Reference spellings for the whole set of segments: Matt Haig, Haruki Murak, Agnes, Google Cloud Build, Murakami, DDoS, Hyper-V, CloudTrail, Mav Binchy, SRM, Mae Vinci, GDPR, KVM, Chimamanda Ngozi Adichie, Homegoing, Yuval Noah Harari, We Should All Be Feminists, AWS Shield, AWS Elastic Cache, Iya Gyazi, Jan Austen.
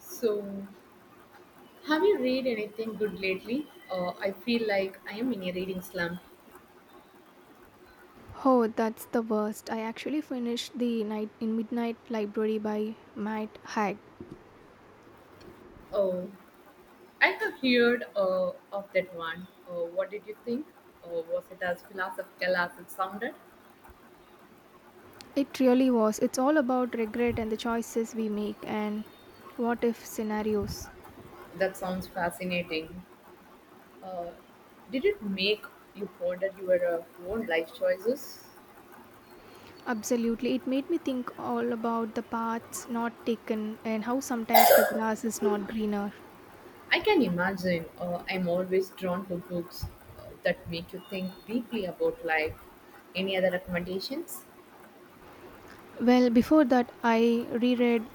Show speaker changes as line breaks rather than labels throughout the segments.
So, have you read anything good lately? I feel like I am in a reading slump.
Oh, that's the worst. I actually finished The Night in Midnight Library by Matt Haig.
Oh, I have heard of that one. What did you think? Was it as philosophical as it sounded?
It really was. It's all about regret and the choices we make and what if scenarios.
That sounds fascinating. Uh, did it make you ponder your own life choices?
Absolutely. It made me think all about the paths not taken and how sometimes the grass is not greener.
I can imagine. I'm always drawn to books that make you think deeply about life. Any other recommendations?
Well, before that, I reread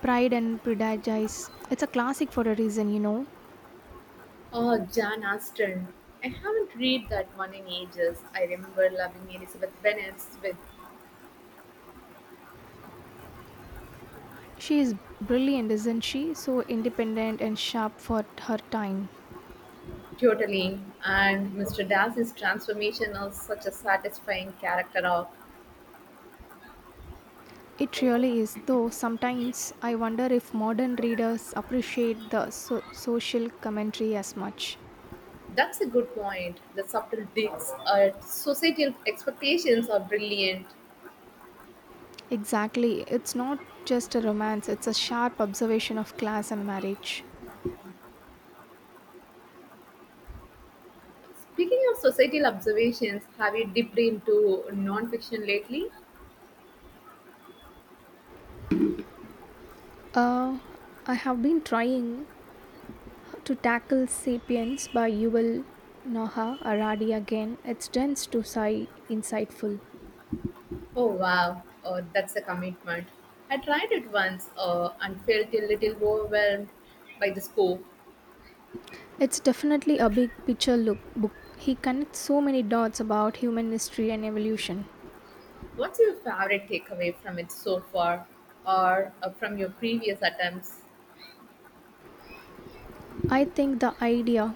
Pride and Prejudice. It's a classic for a reason, you know.
Oh, Jan Austen. I haven't read that one in ages. I remember loving Elizabeth Bennet's with
She is brilliant, isn't she? So independent and sharp for her time.
totally, and Mr. Darcy's transformation of such a satisfying character arc.
It really is, though sometimes I wonder if modern readers appreciate the social commentary as much.
That's a good point. The subtle digs at societal expectations are brilliant.
Exactly, it's not just a romance, it's a sharp observation of class and marriage.
Speaking of societal observations, have you dipped into nonfiction lately?
Uh, I have been trying to tackle Sapiens by Yuval Noah Harari again. It's dense to sigh insightful.
Oh wow, oh, that's a commitment. I tried it once and felt a little overwhelmed by the scope.
It's definitely a big picture look book. He connects so many dots about human history and evolution.
What's your favorite takeaway from it so far, or from your previous attempts?
I think the idea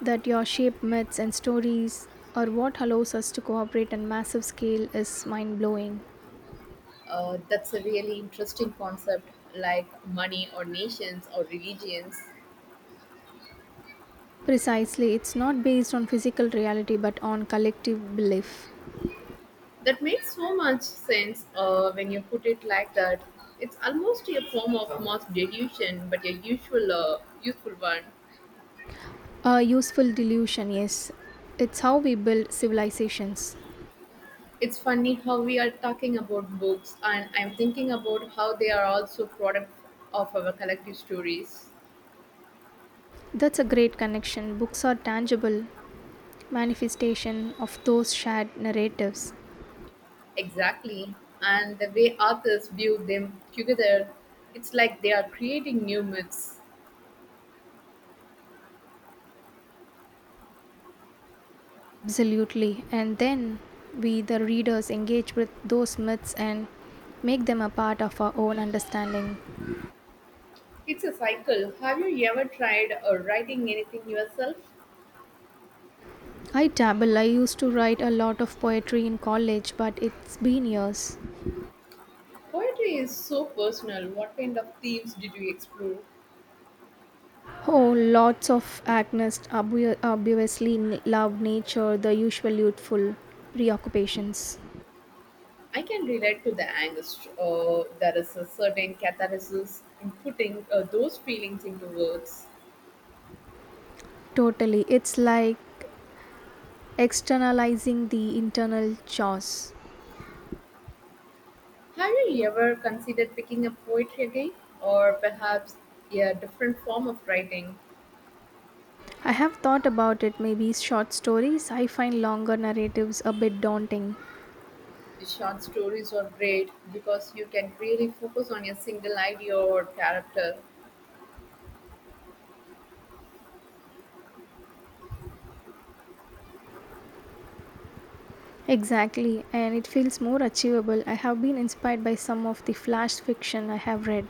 that your shape myths and stories are what allows us to cooperate on massive scale is mind blowing.
That's a really interesting concept, like money or nations or religions.
Precisely, it's not based on physical reality but on collective belief.
That makes so much sense when you put it like that. It's almost a form of mass deduction, but a usual, useful one.
A useful delusion, yes. It's how we build civilizations.
It's funny how we are talking about books, and I'm thinking about how they are also product of our collective stories.
That's a great connection. Books are tangible manifestation of those shared narratives.
Exactly. And the way authors view them together, it's like they are creating new myths.
Absolutely. And then we, the readers, engage with those myths and make them a part of our own understanding.
It's a cycle. Have you ever tried writing anything yourself?
I dabble. I used to write a lot of poetry in college, but it's been years.
Poetry is so personal. What kind of themes did you explore?
Oh, lots of Agnes. Obviously love nature, the usual youthful preoccupations.
I can relate to the angst. There is a certain catharsis in putting those feelings into words.
Totally. It's like externalizing the internal chores.
Have you ever considered picking up poetry again? Or perhaps a different form of writing?
I have thought about it, maybe short stories. I find longer narratives a bit daunting.
The short stories are great because you can really focus on a single idea or character.
Exactly, and it feels more achievable. I have been inspired by some of the flash fiction I have read.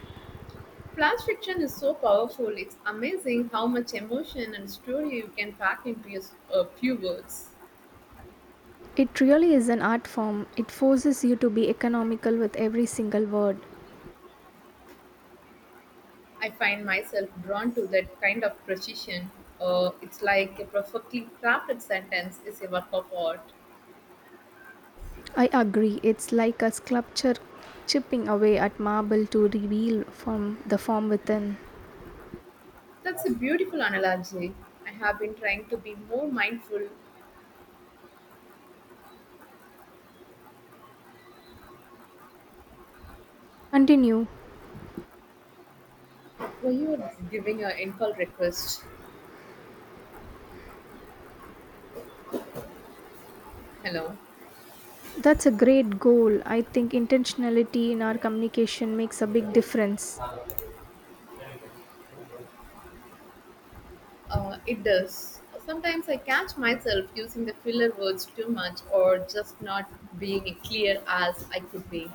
Plus, fiction is so powerful, it's amazing how much emotion and story you can pack into a few words.
It really is an art form. It forces you to be economical with every single word.
I find myself drawn to that kind of precision. It's like a perfectly crafted sentence is a work of art.
I agree. It's like a sculpture chipping away at marble to reveal from the form within.
That's a beautiful analogy. I have been trying to be more mindful.
Continue.
Were you giving an in call request? Hello.
That's a great goal. I think intentionality in our communication makes a big difference.
It does. Sometimes I catch myself using the filler words too much or just not being clear as I could be.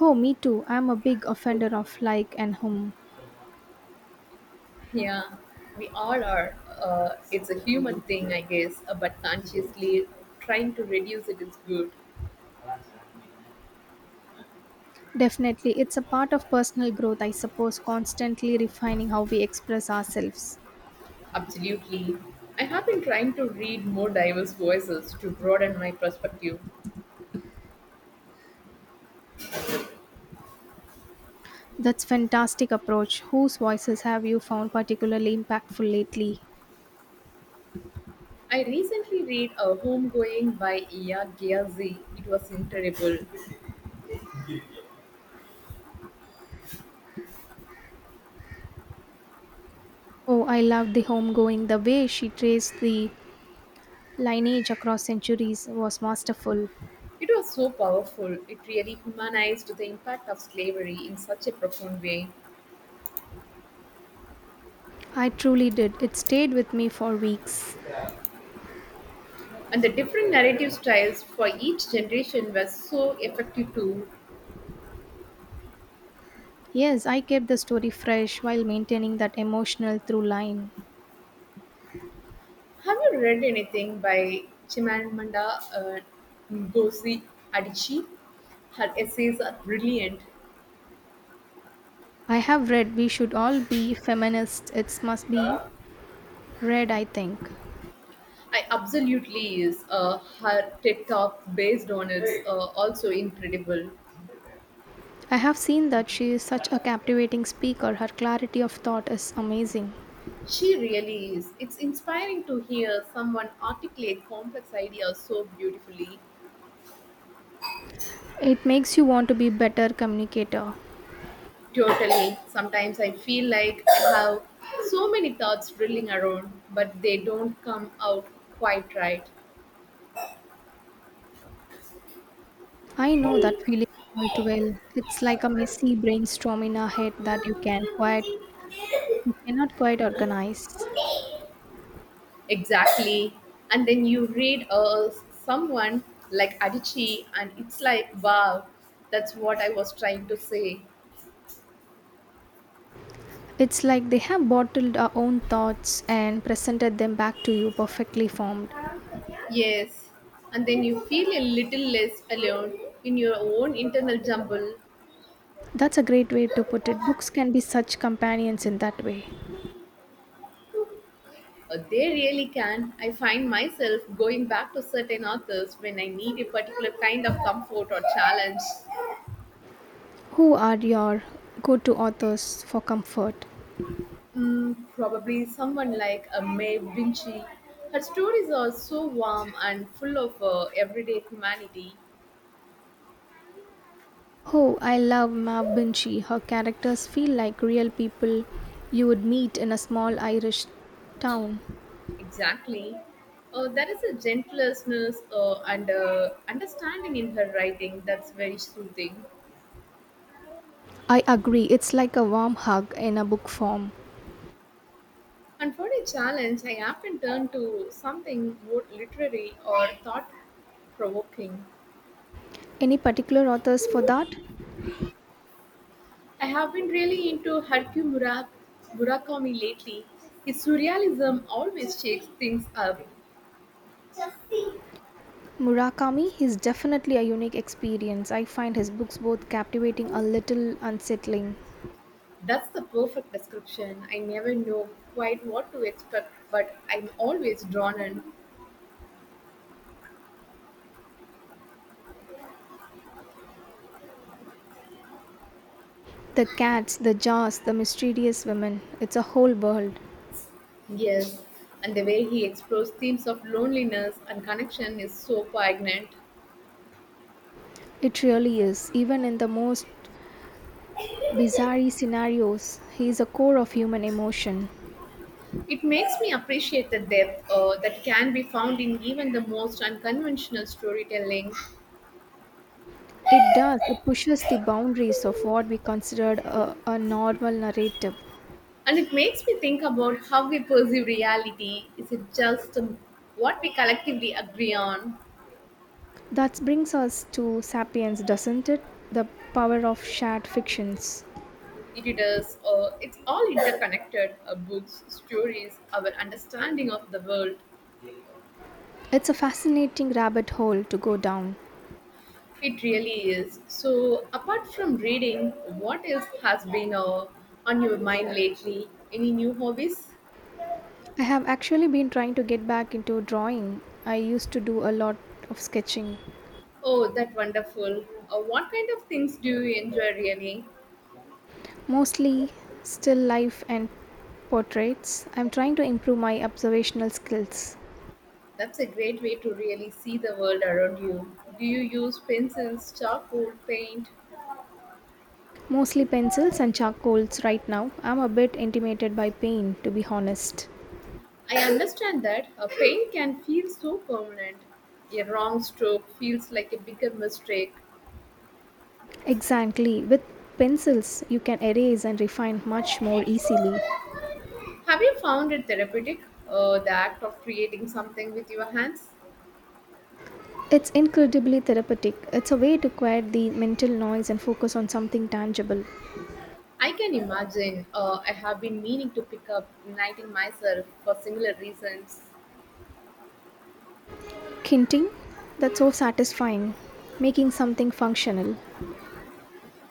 Oh, me too. I'm a big offender of like and whom.
Yeah, we all are. It's a human thing, I guess, but consciously trying to reduce it is good.
Definitely, it's a part of personal growth, I suppose, constantly refining how we express ourselves.
Absolutely. I have been trying to read more diverse voices to broaden my perspective.
That's fantastic approach. Whose voices have you found particularly impactful lately?
I recently read A Homegoing by Iya Gyazi. It was incredible.
Oh, I loved the homegoing. The way she traced the lineage across centuries was masterful.
It was so powerful, it really humanized the impact of slavery in such a profound way.
I truly did. It stayed with me for weeks.
And the different narrative styles for each generation were so effective too.
Yes, I kept the story fresh while maintaining that emotional through line.
Have you read anything by Chimamanda Ngozi Adichie? Her essays are brilliant.
I have read We Should All Be Feminists. It must be read, I think.
I absolutely is. Her TED talk based on it's also incredible.
I have seen that she is such a captivating speaker. Her clarity of thought is amazing.
She really is. It's inspiring to hear someone articulate complex ideas so beautifully.
It makes you want to be better communicator.
Totally. Sometimes I feel like I have so many thoughts drilling around, but they don't come out quite right.
I know that feeling all too well. It's like a messy brainstorm in our head that you cannot quite organize.
Exactly. And then you read someone like Adichie, and it's like, wow, that's what I was trying to say.
It's like they have bottled our own thoughts and presented them back to you perfectly formed.
Yes. And then you feel a little less alone in your own internal jumble.
That's a great way to put it. Books can be such companions in that way.
They really can. I find myself going back to certain authors when I need a particular kind of comfort or challenge.
Who are your go-to authors for comfort?
Mm, probably someone like a Mae Vinci. Her stories are so warm and full of everyday humanity.
Oh, I love Mav Binchy. Her characters feel like real people you would meet in a small Irish town.
Exactly. There is a gentleness and understanding in her writing that's very soothing.
I agree, it's like a warm hug in a book form.
And for a challenge, I often turn to something more literary or thought provoking.
Any particular authors for that?
I have been really into Murakami lately. His surrealism always shakes things up.
Murakami is definitely a unique experience. I find his books both captivating a little unsettling.
That's the perfect description. I never know quite what to expect, but I'm always drawn in.
The cats, the jars, the mysterious women. It's a whole world.
Yes, and the way he explores themes of loneliness and connection is so poignant.
It really is. Even in the most bizarre scenarios, he is a core of human emotion.
It makes me appreciate the depth that can be found in even the most unconventional storytelling.
It does. It pushes the boundaries of what we considered a normal narrative.
And it makes me think about how we perceive reality. Is it just what we collectively agree on?
That brings us to Sapiens, doesn't it? The power of shared fictions.
If it is, it's all interconnected books, stories, our understanding of the world.
It's a fascinating rabbit hole to go down.
It really is. So, apart from reading, what else has been on your mind lately? Any new hobbies?
I have actually been trying to get back into drawing. I used to do a lot of sketching,
Oh, that wonderful. What kind of things do you enjoy really?
mostly still life and portraits. I'm trying to improve my observational skills.
That's a great way to really see the world around you. Do you use pencils, charcoal, paint?
Mostly pencils and charcoals right now. I'm a bit intimidated by paint, to be honest.
I understand that a paint can feel so permanent. A wrong stroke feels like a bigger mistake.
Exactly. With pencils, you can erase and refine much more easily.
Have you found it therapeutic, the act of creating something with your hands?
It's incredibly therapeutic. It's a way to quiet the mental noise and focus on something tangible.
I can imagine I have been meaning to pick up knitting myself for similar reasons.
Kinting? That's so satisfying. Making something functional.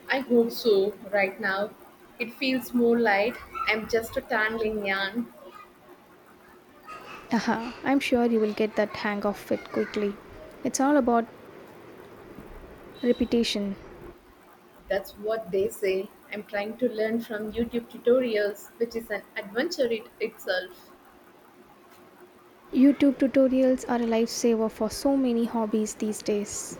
I hope so. Right now, it feels more like I'm just a tangling yarn.
Aha, I'm sure you will get that hang of it quickly. It's all about repetition.
That's what they say. I'm trying to learn from YouTube tutorials, which is an adventure it itself.
YouTube tutorials are a lifesaver for so many hobbies these days.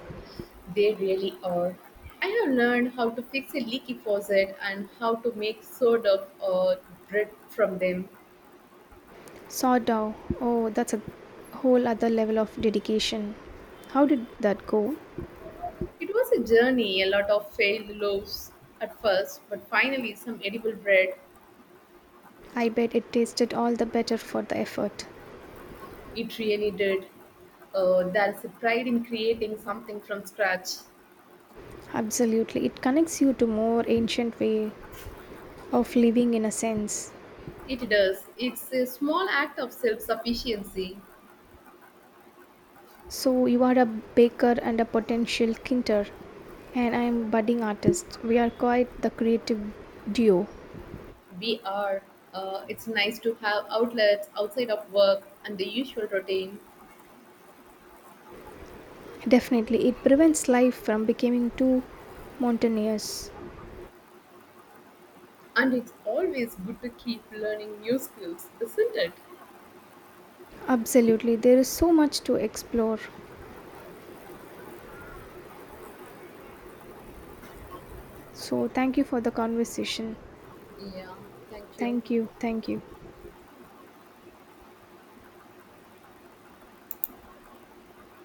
They really are. I have learned how to fix a leaky faucet and how to make sort of bread from them.
Sawdow, oh, that's a whole other level of dedication. How did that go?
It was a journey, a lot of failed loaves at first, but finally some edible bread.
I bet it tasted all the better for the effort.
It really did. There's a pride in creating something from scratch.
Absolutely. It connects you to more ancient way of living in a sense.
It does. It's a small act of self sufficiency.
So you are a baker and a potential kinter and I am budding artist. We are quite the creative duo.
We are. It's nice to have outlets outside of work and the usual routine.
Definitely it prevents life from becoming too monotonous.
And it's always good to keep learning new skills, isn't it?
Absolutely. There is so much to explore. So thank you for the conversation.
Yeah, thank you.
Thank you. Thank you.